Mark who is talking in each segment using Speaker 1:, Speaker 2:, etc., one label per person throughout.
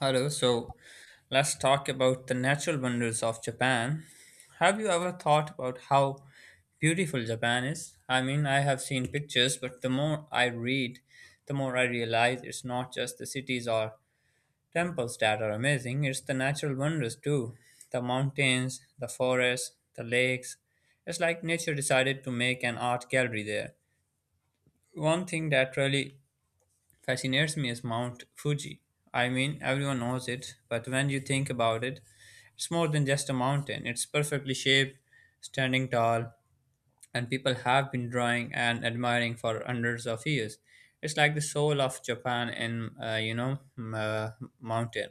Speaker 1: Hello, so let's talk about the natural wonders of Japan. Have you ever thought about how beautiful Japan is? I mean, I have seen pictures, but the more I read, the more I realize it's not just the cities or temples that are amazing, it's the natural wonders too. The mountains, the forests, the lakes. It's like nature decided to make an art gallery there. One thing that really fascinates me is Mount Fuji. I mean, everyone knows it, but when you think about it, it's more than just a mountain, it's perfectly shaped, standing tall, and people have been drawing and admiring for hundreds of years. It's like the soul of Japan in, mountain.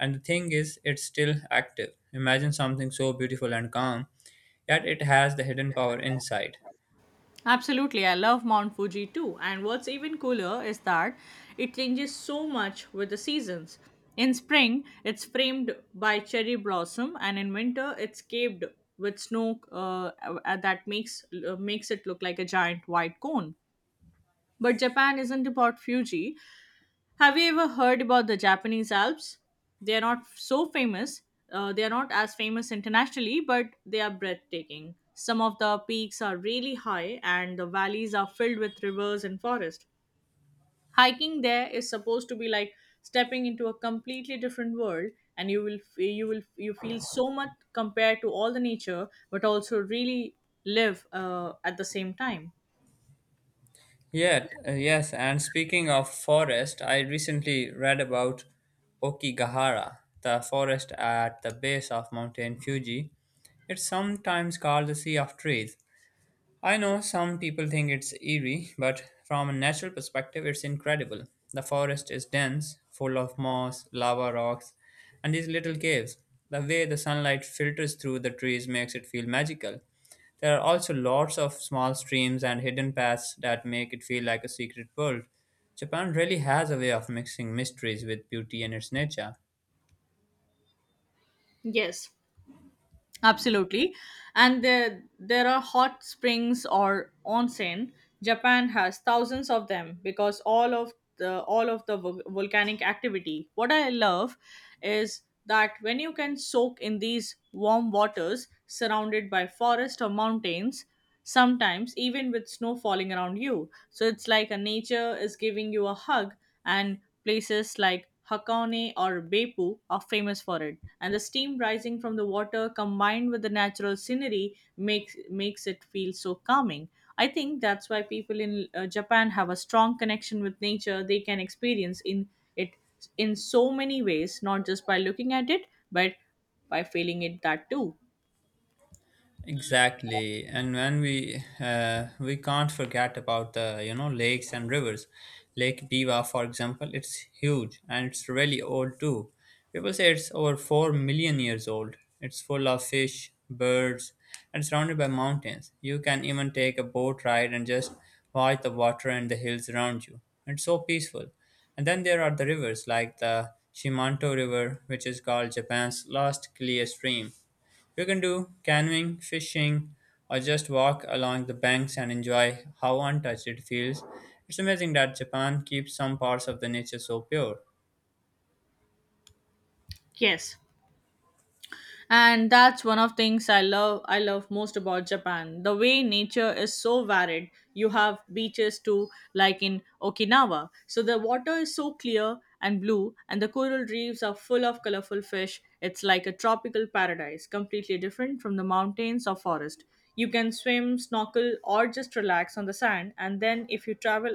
Speaker 1: And the thing is, it's still active. Imagine something so beautiful and calm, yet it has the hidden power inside.
Speaker 2: Absolutely, I love Mount Fuji too. And what's even cooler is that it changes so much with the seasons. In spring, it's framed by cherry blossom, and in winter, it's caved with snow that makes it look like a giant white cone. But Japan isn't about Fuji; have you ever heard about the Japanese Alps? They are not so famous. They are not as famous internationally, but they are breathtaking. Some of the peaks are really high, and the valleys are filled with rivers and forest. Hiking there is supposed to be like stepping into a completely different world, and you will f- you will you feel so much compared to all the nature, but also really live at the same time.
Speaker 1: Yes, and speaking of forest, I recently read about Okigahara, the forest at the base of Mountain Fuji. It's sometimes called the Sea of Trees. I know some people think it's eerie, but from a natural perspective, it's incredible. The forest is dense, full of moss, lava rocks, and these little caves. The way the sunlight filters through the trees makes it feel magical. There are also lots of small streams and hidden paths that make it feel like a secret world. Japan really has a way of mixing mysteries with beauty and its nature.
Speaker 2: Yes, absolutely. And there are hot springs or onsen. Japan has thousands of them because all of the volcanic activity. What I love is that when you can soak in these warm waters surrounded by forest or mountains, sometimes even with snow falling around you. So it's like a nature is giving you a hug, and places like Hakone or Beppu are famous for it. And the steam rising from the water combined with the natural scenery makes it feel so calming. I think that's why people in Japan have a strong connection with nature. They can experience in it in so many ways, not just by looking at it, but by feeling it that too.
Speaker 1: Exactly, and when we can't forget about the lakes and rivers. Lake Biwa, for example, it's huge and it's really old too. People say it's over 4 million years old. It's full of fish, birds, and surrounded by mountains. You can even take a boat ride and just watch the water and the hills around you. It's so peaceful. And then there are the rivers like the Shimanto River, which is called Japan's last clear stream. You can do canoeing, fishing, or just walk along the banks and enjoy how untouched it feels. It's amazing that Japan keeps some parts of the nature so pure.
Speaker 2: Yes, and that's one of things I love most about Japan, the way nature is so varied. You have beaches too, like in Okinawa. So the water is so clear and blue and the coral reefs are full of colorful fish. It's like a tropical paradise, completely different from the mountains or forest. You can swim, snorkel, or just relax on the sand. And then if you travel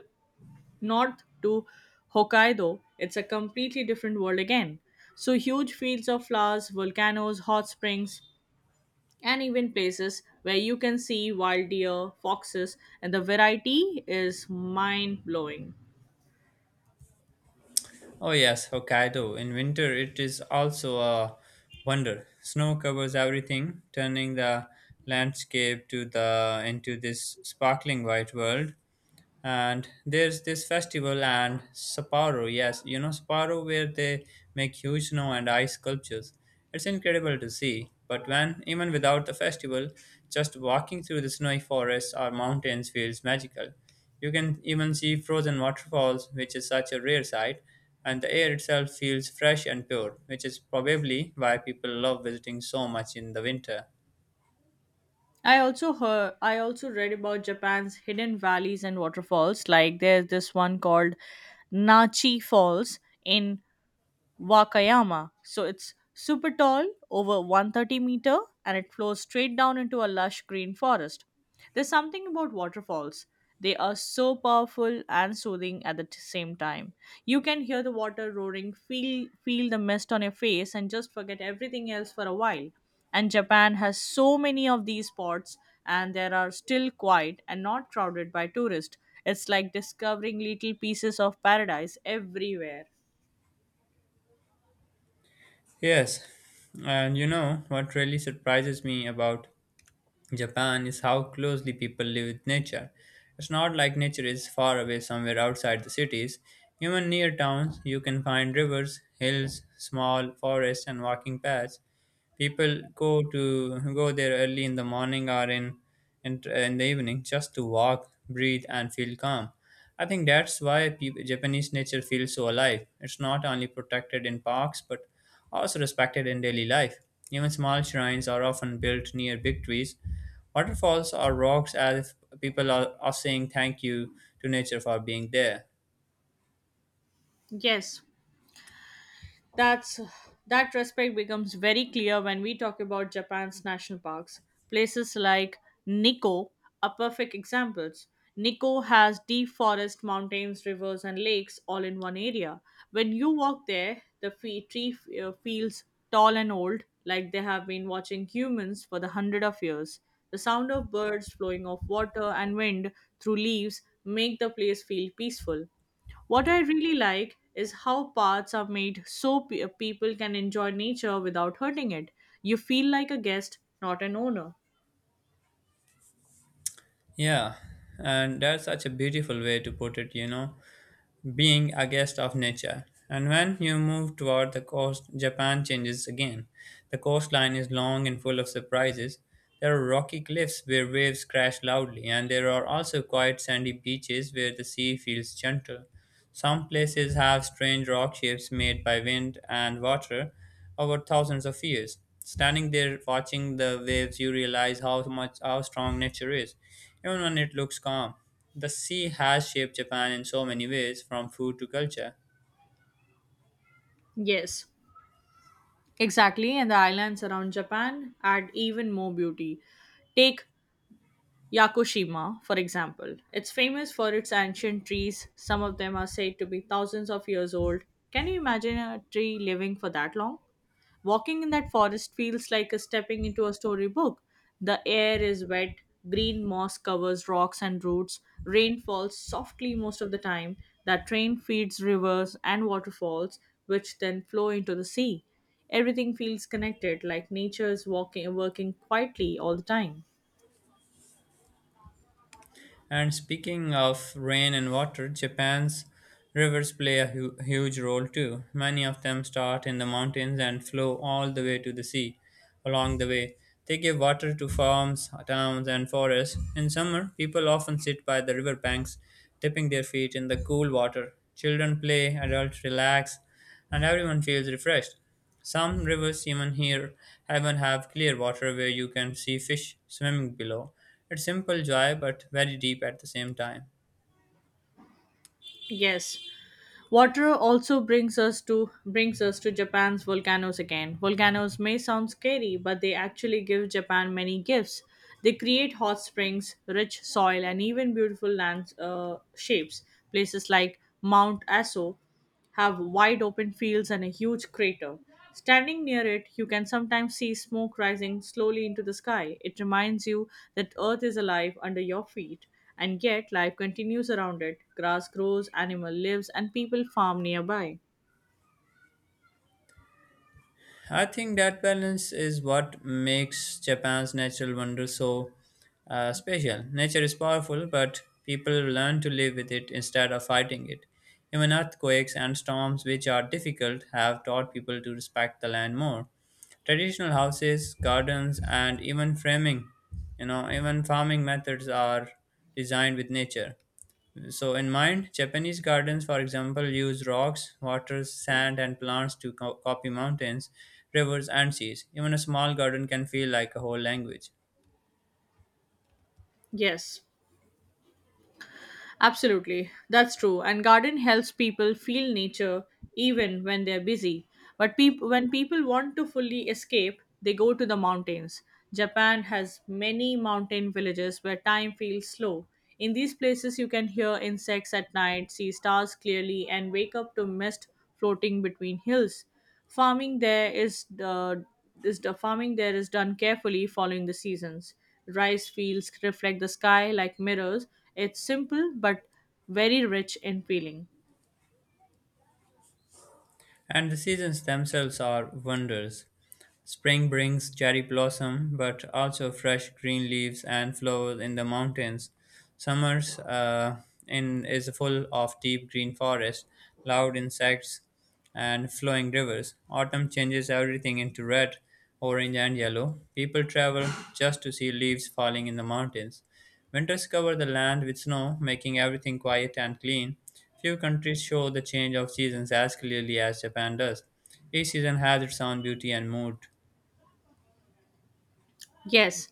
Speaker 2: north to Hokkaido, it's a completely different world again. So, huge fields of flowers, volcanoes, hot springs, and even places where you can see wild deer, foxes, and the variety is mind blowing.
Speaker 1: Oh, yes, Hokkaido. In winter, it is also a wonder. Snow covers everything, turning the landscape to the into this sparkling white world. And there's this festival and Sapporo. Yes, you know Sapporo where they make huge snow and ice sculptures. It's incredible to see. But when even without the festival, just walking through the snowy forests or mountains feels magical. You can even see frozen waterfalls, which is such a rare sight, and the air itself feels fresh and pure, which is probably why people love visiting so much in the winter.
Speaker 2: I also read about Japan's hidden valleys and waterfalls. Like there's this one called Nachi Falls in Wakayama. So it's super tall, over 130 meter, and it flows straight down into a lush green forest. There's something about waterfalls. They are so powerful and soothing at the same time. You can hear the water roaring, feel the mist on your face and just forget everything else for a while. And Japan has so many of these spots and they are still quiet and not crowded by tourists. It's like discovering little pieces of paradise everywhere.
Speaker 1: Yes, and you know what really surprises me about Japan is how closely people live with nature. It's not like nature is far away somewhere outside the cities. Even near towns, you can find rivers, hills, small forests, and walking paths. People go there early in the morning or in the evening just to walk, breathe, and feel calm. I think that's why peop Japanese nature feels so alive. It's not only protected in parks but also respected in daily life. Even small shrines are often built near big trees, waterfalls, or rocks as if people are saying thank you to nature for being there.
Speaker 2: Yes, That's that respect becomes very clear when we talk about Japan's national parks. Places like Nikko are perfect examples. Nikko has deep forest, mountains, rivers, and lakes all in one area. When you walk there, the tree feels tall and old, like they have been watching humans for the hundred of years. The sound of birds flowing of water and wind through leaves make the place feel peaceful. What I really like is how paths are made so people can enjoy nature without hurting it. You feel like a guest, not an owner.
Speaker 1: Yeah, and that's such a beautiful way to put it. Being a guest of nature. And when you move toward the coast, Japan changes again. The coastline is long and full of surprises. There are rocky cliffs where waves crash loudly, and there are also quiet sandy beaches where the sea feels gentle. Some places have strange rock shapes made by wind and water over thousands of years. Standing there watching the waves, you realize how strong nature is, even when it looks calm. The sea has shaped Japan in so many ways, from food to culture.
Speaker 2: Yes, exactly. And the islands around Japan add even more beauty. Take Yakushima, for example. It's famous for its ancient trees. Some of them are said to be thousands of years old. Can you imagine a tree living for that long? Walking in that forest feels like a stepping into a storybook. The air is wet, green moss covers rocks and roots, rain falls softly most of the time. That rain feeds rivers and waterfalls, which then flow into the sea. Everything feels connected, like nature is walking working quietly all the time.
Speaker 1: And speaking of rain and water, Japan's rivers play a huge role too. Many of them start in the mountains and flow all the way to the sea. Along the way, they give water to farms, towns, and forests. In summer, people often sit by the riverbanks, dipping their feet in the cool water. Children play, adults relax, and everyone feels refreshed. Some rivers, even here, even have clear water where you can see fish swimming below. It's simple joy, but very deep at the same time.
Speaker 2: Yes, water also brings us to Japan's volcanoes again. Volcanoes may sound scary, but they actually give Japan many gifts. They create hot springs, rich soil, and even beautiful land shapes. Places like Mount Aso have wide open fields and a huge crater. Standing near it, you can sometimes see smoke rising slowly into the sky. It reminds you that Earth is alive under your feet, and yet life continues around it. Grass grows, animal lives, and people farm nearby.
Speaker 1: I think that balance is what makes Japan's natural wonder so special. Nature is powerful, but people learn to live with it instead of fighting it. Even earthquakes and storms, which are difficult, have taught people to respect the land more. Traditional houses, gardens, and even framing, even farming methods are designed with nature. So, in mind, Japanese gardens, for example, use rocks, water, sand, and plants to copy mountains, rivers, and seas. Even a small garden can feel like a whole language.
Speaker 2: Yes, absolutely, that's true. And garden helps people feel nature even when they're busy. But when people want to fully escape, they go to the mountains. Japan has many mountain villages where time feels slow. In these places, you can hear insects at night, see stars clearly, and wake up to mist floating between hills. Farming there is the farming there is done carefully following the seasons. Rice fields reflect the sky like mirrors. It's simple but very rich in feeling.
Speaker 1: And the seasons themselves are wonders. Spring brings cherry blossom, but also fresh green leaves and flowers in the mountains. Summers in is full of deep green forests, loud insects, and flowing rivers. Autumn changes everything into red, orange, and yellow. People travel just to see leaves falling in the mountains. Winters cover the land with snow, making everything quiet and clean. Few countries show the change of seasons as clearly as Japan does. Each season has its own beauty and mood.
Speaker 2: Yes,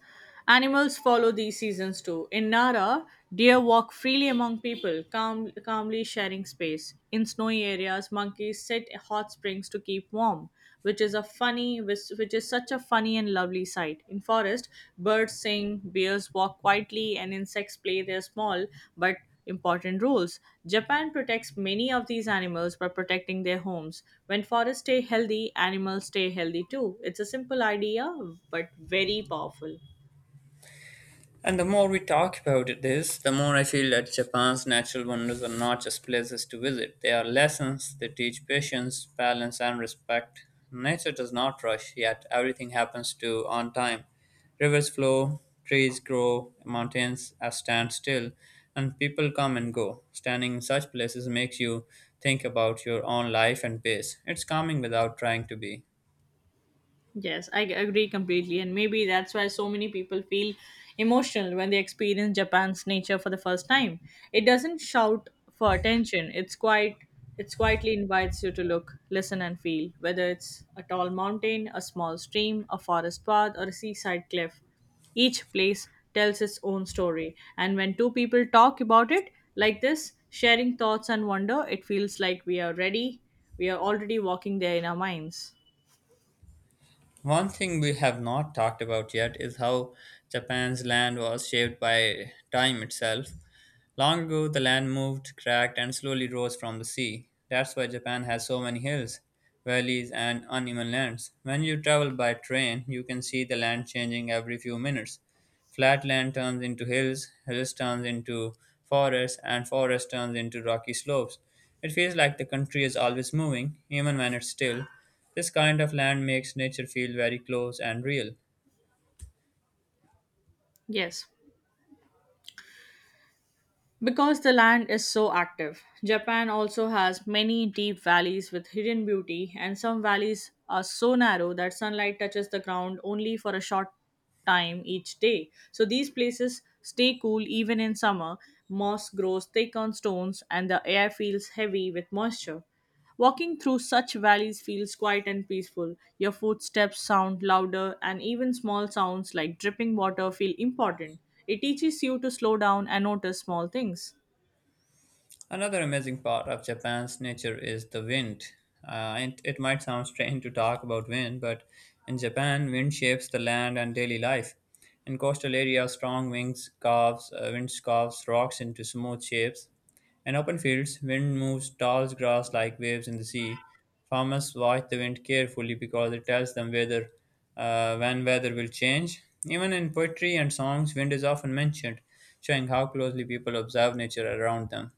Speaker 2: animals follow these seasons too. In Nara, deer walk freely among people, calmly sharing space. In snowy areas, monkeys sit at hot springs to keep warm, which is such a funny and lovely sight. In forest, birds sing, bears walk quietly, and insects play their small but important roles. Japan protects many of these animals by protecting their homes. When forests stay healthy, animals stay healthy too. It's a simple idea but very powerful.
Speaker 1: And the more we talk about it this, the more I feel that Japan's natural wonders are not just places to visit. They are lessons. They teach patience, balance, and respect. Nature does not rush, yet everything happens to on time. Rivers flow, trees grow, mountains are stand still, and people come and go. Standing in such places makes you think about your own life and pace. It's calming without trying to be.
Speaker 2: Yes, I agree completely. And maybe that's why so many people feel emotional when they experience Japan's nature for the first time. It doesn't shout for attention. It quietly invites you to look, listen and feel, whether it's a tall mountain, a small stream, a forest path, or a seaside cliff. Each place tells its own story. And when two people talk about it like this, sharing thoughts and wonder, it feels like we are ready. We are already walking there in our minds.
Speaker 1: One thing we have not talked about yet is how Japan's land was shaped by time itself. Long ago, the land moved, cracked, and slowly rose from the sea. That's why Japan has so many hills, valleys, and uneven lands. When you travel by train, you can see the land changing every few minutes. Flat land turns into hills, hills turns into forests, and forests turns into rocky slopes. It feels like the country is always moving, even when it's still. This kind of land makes nature feel very close and real.
Speaker 2: Yes, because the land is so active, Japan also has many deep valleys with hidden beauty, and some valleys are so narrow that sunlight touches the ground only for a short time each day. So these places stay cool even in summer. Moss grows thick on stones, and the air feels heavy with moisture. Walking through such valleys feels quiet and peaceful. Your footsteps sound louder, and even small sounds like dripping water feel important. It teaches you to slow down and notice small things.
Speaker 1: Another amazing part of Japan's nature is the wind. It might sound strange to talk about wind, but in Japan, wind shapes the land and daily life. In coastal areas, wind carves rocks into smooth shapes. In open fields, wind moves tall grass like waves in the sea. Farmers watch the wind carefully because it tells them whether when weather will change. Even in poetry and songs, wind is often mentioned, showing how closely people observe nature around them.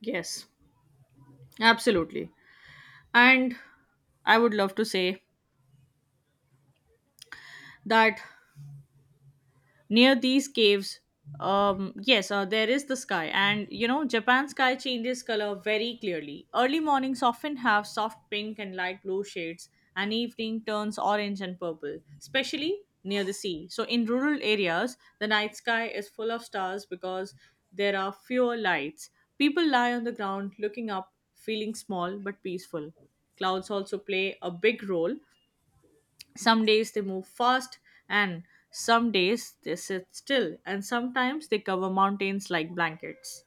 Speaker 2: Yes, absolutely. And I would love to say that near these caves, yes, there is the sky. And Japan's sky changes color very clearly. Early mornings often have soft pink and light blue shades, and evening turns orange and purple, especially near the sea. So in rural areas, the night sky is full of stars because there are fewer lights. People lie on the ground looking up, feeling small but peaceful. Clouds also play a big role. Some days they move fast, and some days they sit still, and sometimes they cover mountains like blankets.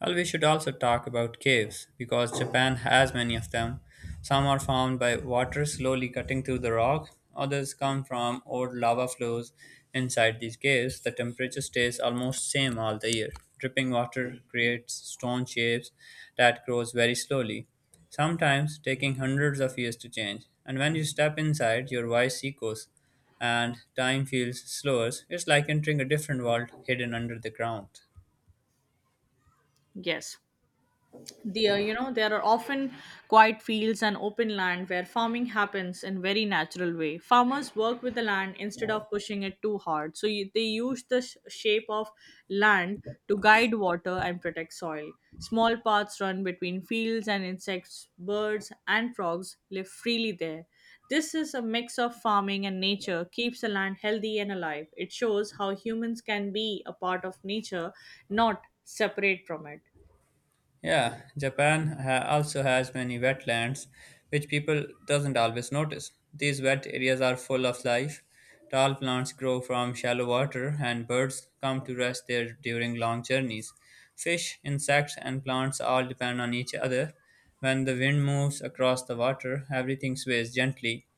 Speaker 1: Well, we should also talk about caves because Japan has many of them. Some are formed by water slowly cutting through the rock, others come from old lava flows. Inside these caves, the temperature stays almost same all the year. Dripping water creates stone shapes that grows very slowly, sometimes taking hundreds of years to change. And when you step inside, your voice echoes and time feels slower. It's like entering a different world hidden under the ground.
Speaker 2: Yes, there are often quiet fields and open land where farming happens in very natural way. Farmers work with the land instead of pushing it too hard. So they use the shape of land to guide water and protect soil. Small paths run between fields and insects, birds and frogs live freely there. This is a mix of farming and nature keeps the land healthy and alive. It shows how humans can be a part of nature, not separate from it.
Speaker 1: Yeah, Japan also has many wetlands, which people doesn't always notice. These wet areas are full of life. Tall plants grow from shallow water, and birds come to rest there during long journeys. Fish, insects, and plants all depend on each other. When the wind moves across the water, everything sways gently.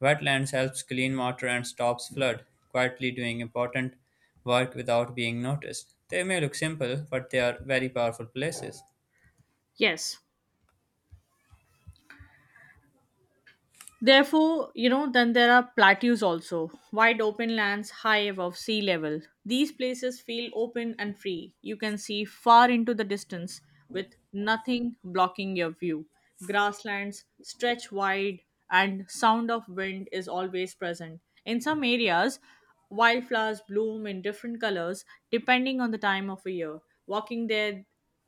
Speaker 1: Wetlands helps clean water and stops flood, quietly doing important work without being noticed. They may look simple, but they are very powerful places.
Speaker 2: Yes, therefore, then there are plateaus also, wide open lands high above sea level. These places feel open and free. You can see far into the distance with nothing blocking your view. Grasslands stretch wide and sound of wind is always present. In some areas, wildflowers bloom in different colors depending on the time of a year. Walking there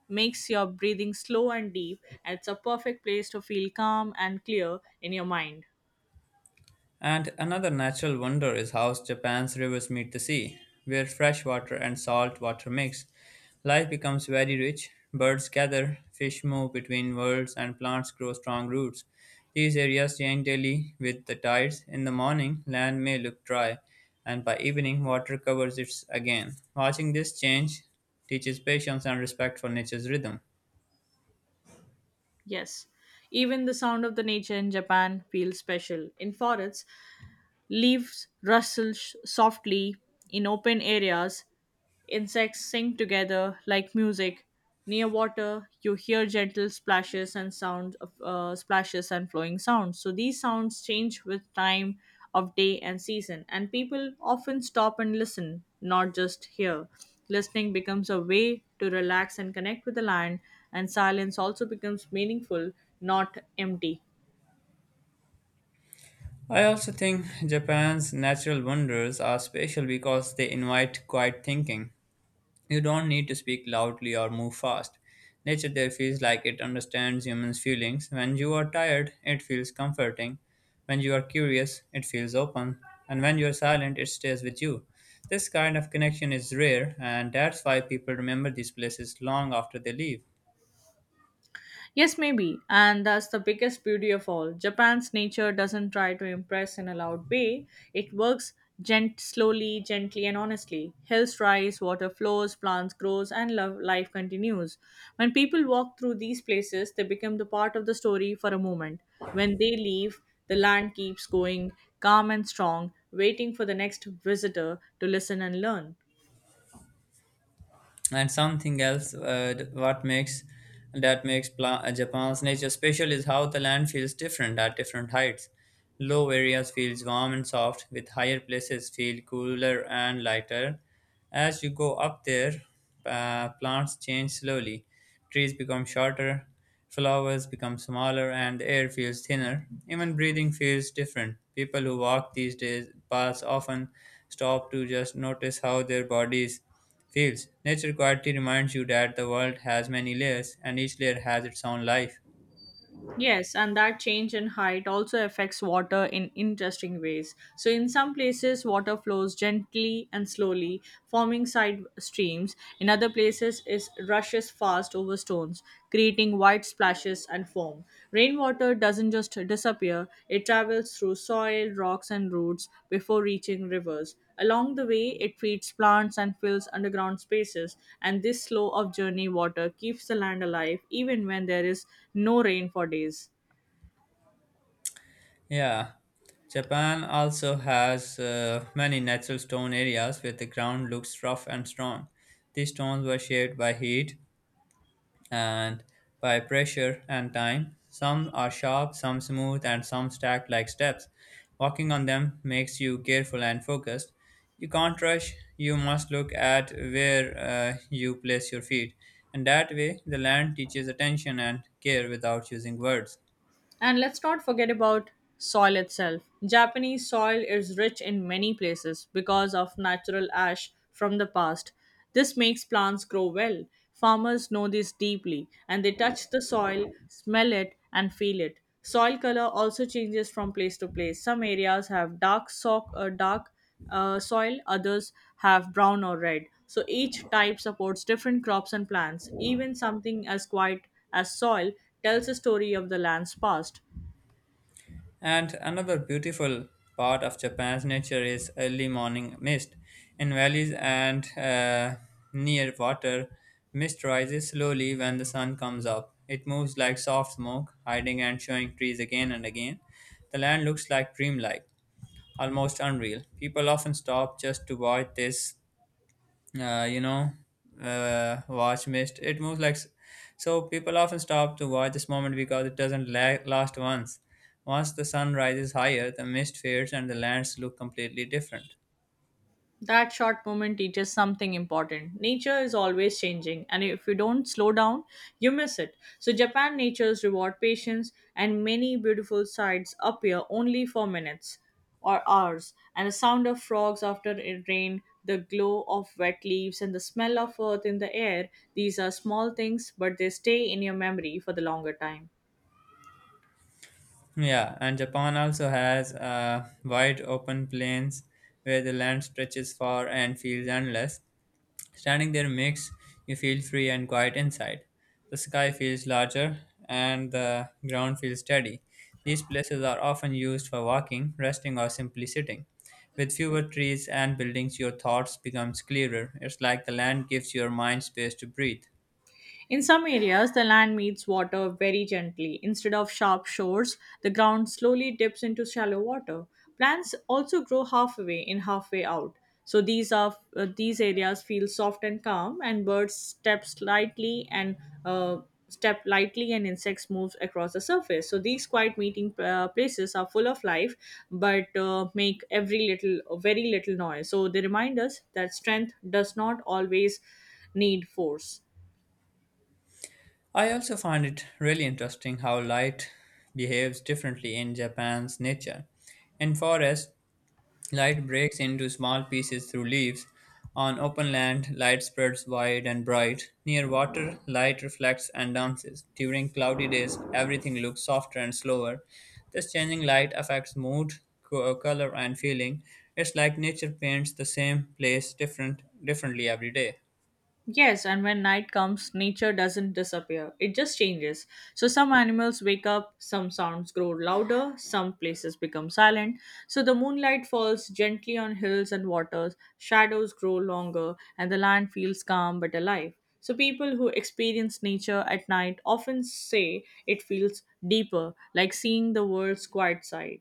Speaker 2: makes your breathing slow and deep, and it's a perfect place to feel calm and clear in your mind.
Speaker 1: And another natural wonder is how Japan's rivers meet the sea, where fresh water and salt water mix. Life becomes very rich, birds gather, fish move between worlds, and plants grow strong roots. These areas change daily with the tides. In the morning, land may look dry, and by evening, water covers it again. Watching this change teaches patience and respect for nature's rhythm.
Speaker 2: Yes, even the sound of the nature in Japan feels special in forests. Leaves rustle softly in open areas. Insects sing together like music. Near water, you hear gentle splashes and sounds of splashes and flowing sounds. So these sounds change with time of day and season, and people often stop and listen, not just hear. Listening becomes a way to relax and connect with the land, and silence also becomes meaningful, not empty.
Speaker 1: I also think Japan's natural wonders are special because they invite quiet thinking. You don't need to speak loudly or move fast. Nature there feels like it understands humans' feelings. When you are tired, it feels comforting. When you are curious, it feels open. And when you are silent, it stays with you. This kind of connection is rare, and that's why people remember these places long after they leave.
Speaker 2: Yes, maybe. And that's the biggest beauty of all. Japan's nature doesn't try to impress in a loud way. It works slowly, gently, and honestly. Hills rise, water flows, plants grows, and life continues. When people walk through these places, they become the part of the story for a moment. When they leave, the land keeps going, calm and strong, waiting for the next visitor to listen and learn.
Speaker 1: And something else what makes that makes Japan's nature special is how the land feels different at different heights. Low areas feels warm and soft, with higher places feel cooler and lighter. As you go up there, plants change slowly. Trees become shorter, flowers become smaller, and the air feels thinner. Even breathing feels different. People who walk these days paths often stop to just notice how their bodies feels. Nature quietly reminds you that the world has many layers, and each layer has its own life.
Speaker 2: Yes, and that change in height also affects water in interesting ways. So, in some places, water flows gently and slowly, forming side streams. In other places, it rushes fast over stones, creating wide splashes and foam. Rainwater doesn't just disappear, it travels through soil, rocks, and roots before reaching rivers. Along the way, it feeds plants and fills underground spaces, and this flow of journey water keeps the land alive even when there is no rain for days.
Speaker 1: Yeah. Japan also has many natural stone areas where the ground looks rough and strong. These stones were shaped by heat, and by pressure and time. Some are sharp, some smooth, and some stacked like steps. Walking on them makes you careful and focused. You can't rush, you must look at where you place your feet. And that way, the land teaches attention and care without using words.
Speaker 2: And let's not forget about soil itself. Japanese soil is rich in many places because of natural ash from the past. This makes plants grow well. Farmers know this deeply and they touch the soil, smell it, and feel it. Soil color also changes from place to place. Some areas have dark sock, dark soil, others have brown or red. So each type supports different crops and plants. Even something as quiet as soil tells a story of the land's past.
Speaker 1: And another beautiful part of Japan's nature is early morning mist. In valleys and near water, mist rises slowly when the sun comes up. It moves like soft smoke, hiding and showing trees again and again. The land looks like dreamlike, almost unreal. People often stop just to watch uh, you know, watch mist. It moves like People often stop to watch this moment because it doesn't last once. Once the sun rises higher, the mist fades and the lands look completely different.
Speaker 2: That short moment teaches something important. Nature is always changing, and if you don't slow down, you miss it. So, Japan natures reward patience, and many beautiful sights appear only for minutes or hours. And the sound of frogs after it rain, the glow of wet leaves, and the smell of earth in the air these are small things, but they stay in your memory for the longer time.
Speaker 1: Yeah, and Japan also has wide open plains where the land stretches far and feels endless. Standing there makes you feel free and quiet inside. The sky feels larger and the ground feels steady. These places are often used for walking, resting, or simply sitting. With fewer trees and buildings, your thoughts becomes clearer. It's like the land gives your mind space to breathe.
Speaker 2: In some areas, the land meets water very gently. Instead of sharp shores, the ground slowly dips into shallow water. Plants also grow halfway in, halfway out. These areas feel soft and calm, and birds step slightly and uh, step lightly, and insects move across the surface. So these quiet meeting places are full of life, but make every little very little noise. So they remind us that strength does not always need force.
Speaker 1: I also find it really interesting how light behaves differently in Japan's nature. In forests, light breaks into small pieces through leaves. On open land, light spreads wide and bright. Near water, light reflects and dances. During cloudy days, everything looks softer and slower. This changing light affects mood, color, and feeling. It's like nature paints the same place differently every day.
Speaker 2: Yes, and when night comes, nature doesn't disappear. It just changes. So some animals wake up, some sounds grow louder, some places become silent. So the moonlight falls gently on hills and waters, shadows grow longer, and the land feels calm but alive. So people who experience nature at night often say it feels deeper, like seeing the world's quiet side.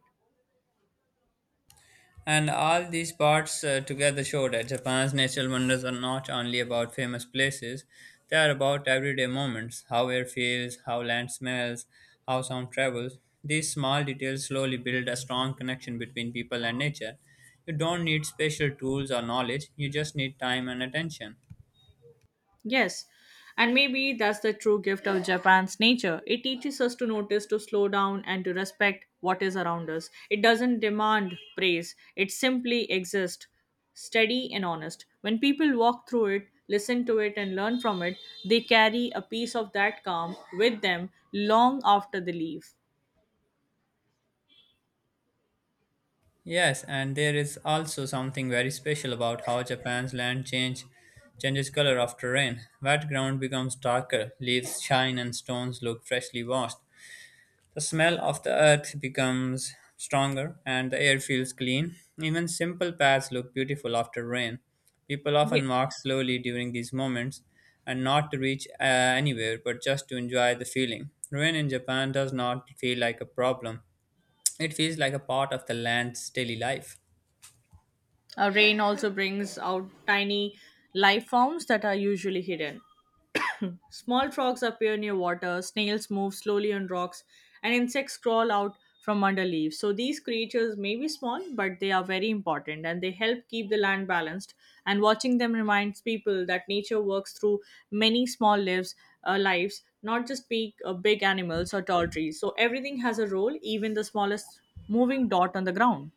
Speaker 1: And all these parts together show that Japan's natural wonders are not only about famous places, they are about everyday moments how air feels, how land smells, how sound travels. These small details slowly build a strong connection between people and nature. You don't need special tools or knowledge, you just need time and attention.
Speaker 2: Yes, and maybe that's the true gift of Japan's nature. It teaches us to notice, to slow down, and to respect what is around us. It doesn't demand praise, it simply exists, steady and honest. When people walk through it, listen to it, and learn from it, they carry a piece of that calm with them long after they leave.
Speaker 1: Yes, and there is also something very special about how Japan's land changes color after rain. Wet ground becomes darker, leaves shine and stones look freshly washed. The smell of the earth becomes stronger and the air feels clean. Even simple paths look beautiful after rain. People
Speaker 2: Ye-
Speaker 1: often walk slowly during these moments and not to reach anywhere but just to enjoy the feeling. Rain in Japan does not feel like a problem, it feels like a part of the land's daily life.
Speaker 2: A rain also brings out tiny life forms that are usually hidden. Small frogs appear near water, snails move slowly on rocks, and insects crawl out from under leaves. So these creatures may be small, but they are very important and they help keep the land balanced. And watching them reminds people that nature works through many small lives, not just big, big animals or tall trees. So everything has a role, even the smallest moving dot on the ground,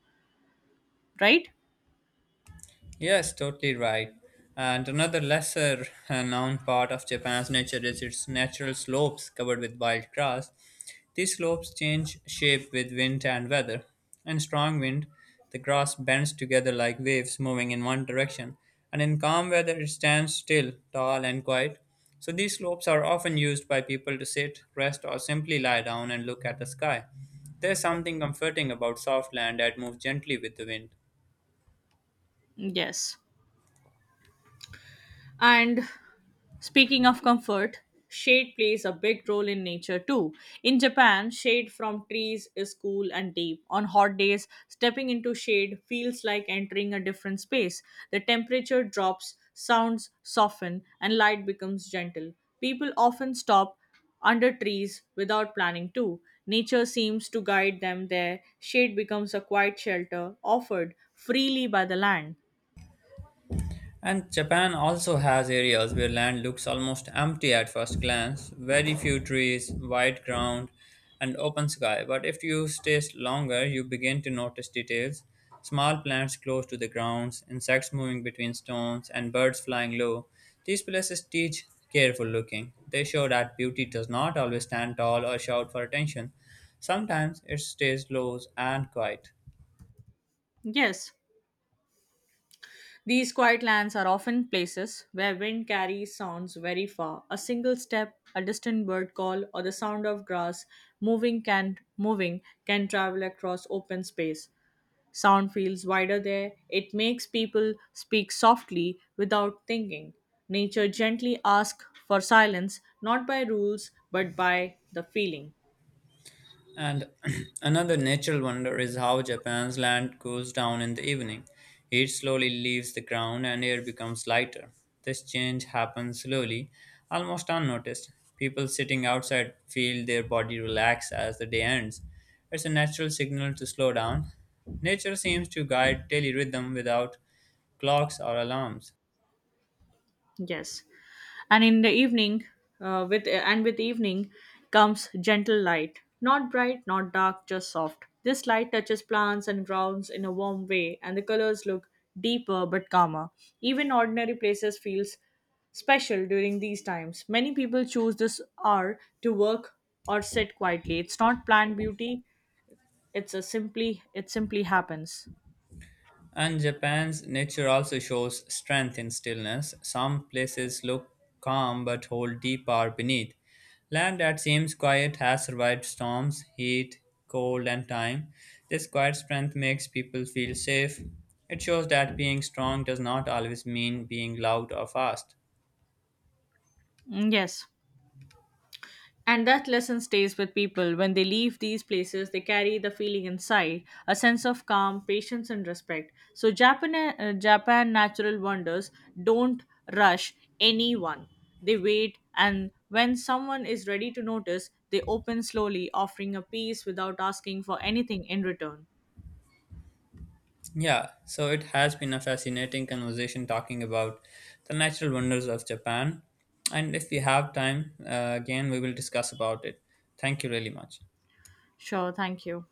Speaker 2: right?
Speaker 1: Yes, totally right. And another lesser known part of Japan's nature is its natural slopes covered with wild grass. These slopes change shape with wind and weather. In strong wind, the grass bends together like waves moving in one direction, and in calm weather, it stands still, tall and quiet. So, these slopes are often used by people to sit, rest, or simply lie down and look at the sky. There's something comforting about soft land that moves gently with the wind.
Speaker 2: Yes. And Speaking of comfort, shade plays a big role in nature too. In Japan, shade from trees is cool and deep. On hot days, stepping into shade feels like entering a different space. The temperature drops, sounds soften, and light becomes gentle. People often stop under trees without planning to. Nature seems to guide them there. Shade becomes a quiet shelter offered freely by the land.
Speaker 1: And Japan also has areas where land looks almost empty at first glance very few trees, wide ground, and open sky. But if you stay longer, you begin to notice details small plants close to the grounds, insects moving between stones, and birds flying low. These places teach careful looking. They show that beauty does not always stand tall or shout for attention. Sometimes it stays low and quiet.
Speaker 2: Yes, these quiet lands are often places where wind carries sounds very far. A single step, a distant bird call, or the sound of grass moving can travel across open space. Sound feels wider there. It makes people speak softly without thinking. Nature gently asks for silence, not by rules but by the feeling.
Speaker 1: And another natural wonder is how Japan's land cools down in the evening. Heat slowly leaves the ground and air becomes lighter. This change happens slowly, almost unnoticed. People sitting outside feel their body relax as the day ends. It's a natural signal to slow down. Nature seems to guide daily rhythm without clocks or alarms.
Speaker 2: Yes. And in the evening with evening comes gentle light, not bright, not dark, just soft. This light touches plants and grounds in a warm way, and the colors look deeper but calmer. Even ordinary places feels special during these times. Many people choose this hour to work or sit quietly. It's not planned beauty, it simply happens.
Speaker 1: And Japan's nature also shows strength in stillness. Some places look calm but hold deep power beneath. Land that seems quiet has survived storms, heat, cold, and time. This quiet strength makes people feel safe. It shows that being strong does not always mean being loud or fast.
Speaker 2: Mm, yes. And that lesson stays with people. When they leave these places, they carry the feeling inside a sense of calm, patience, and respect. So, Japan natural wonders don't rush anyone, they wait, and when someone is ready to notice, they open slowly, offering a peace without asking for anything in return.
Speaker 1: Yeah, so it has been a fascinating conversation talking about the natural wonders of Japan. And if we have time, again, we will discuss about it. Thank you really much.
Speaker 2: Sure, thank you.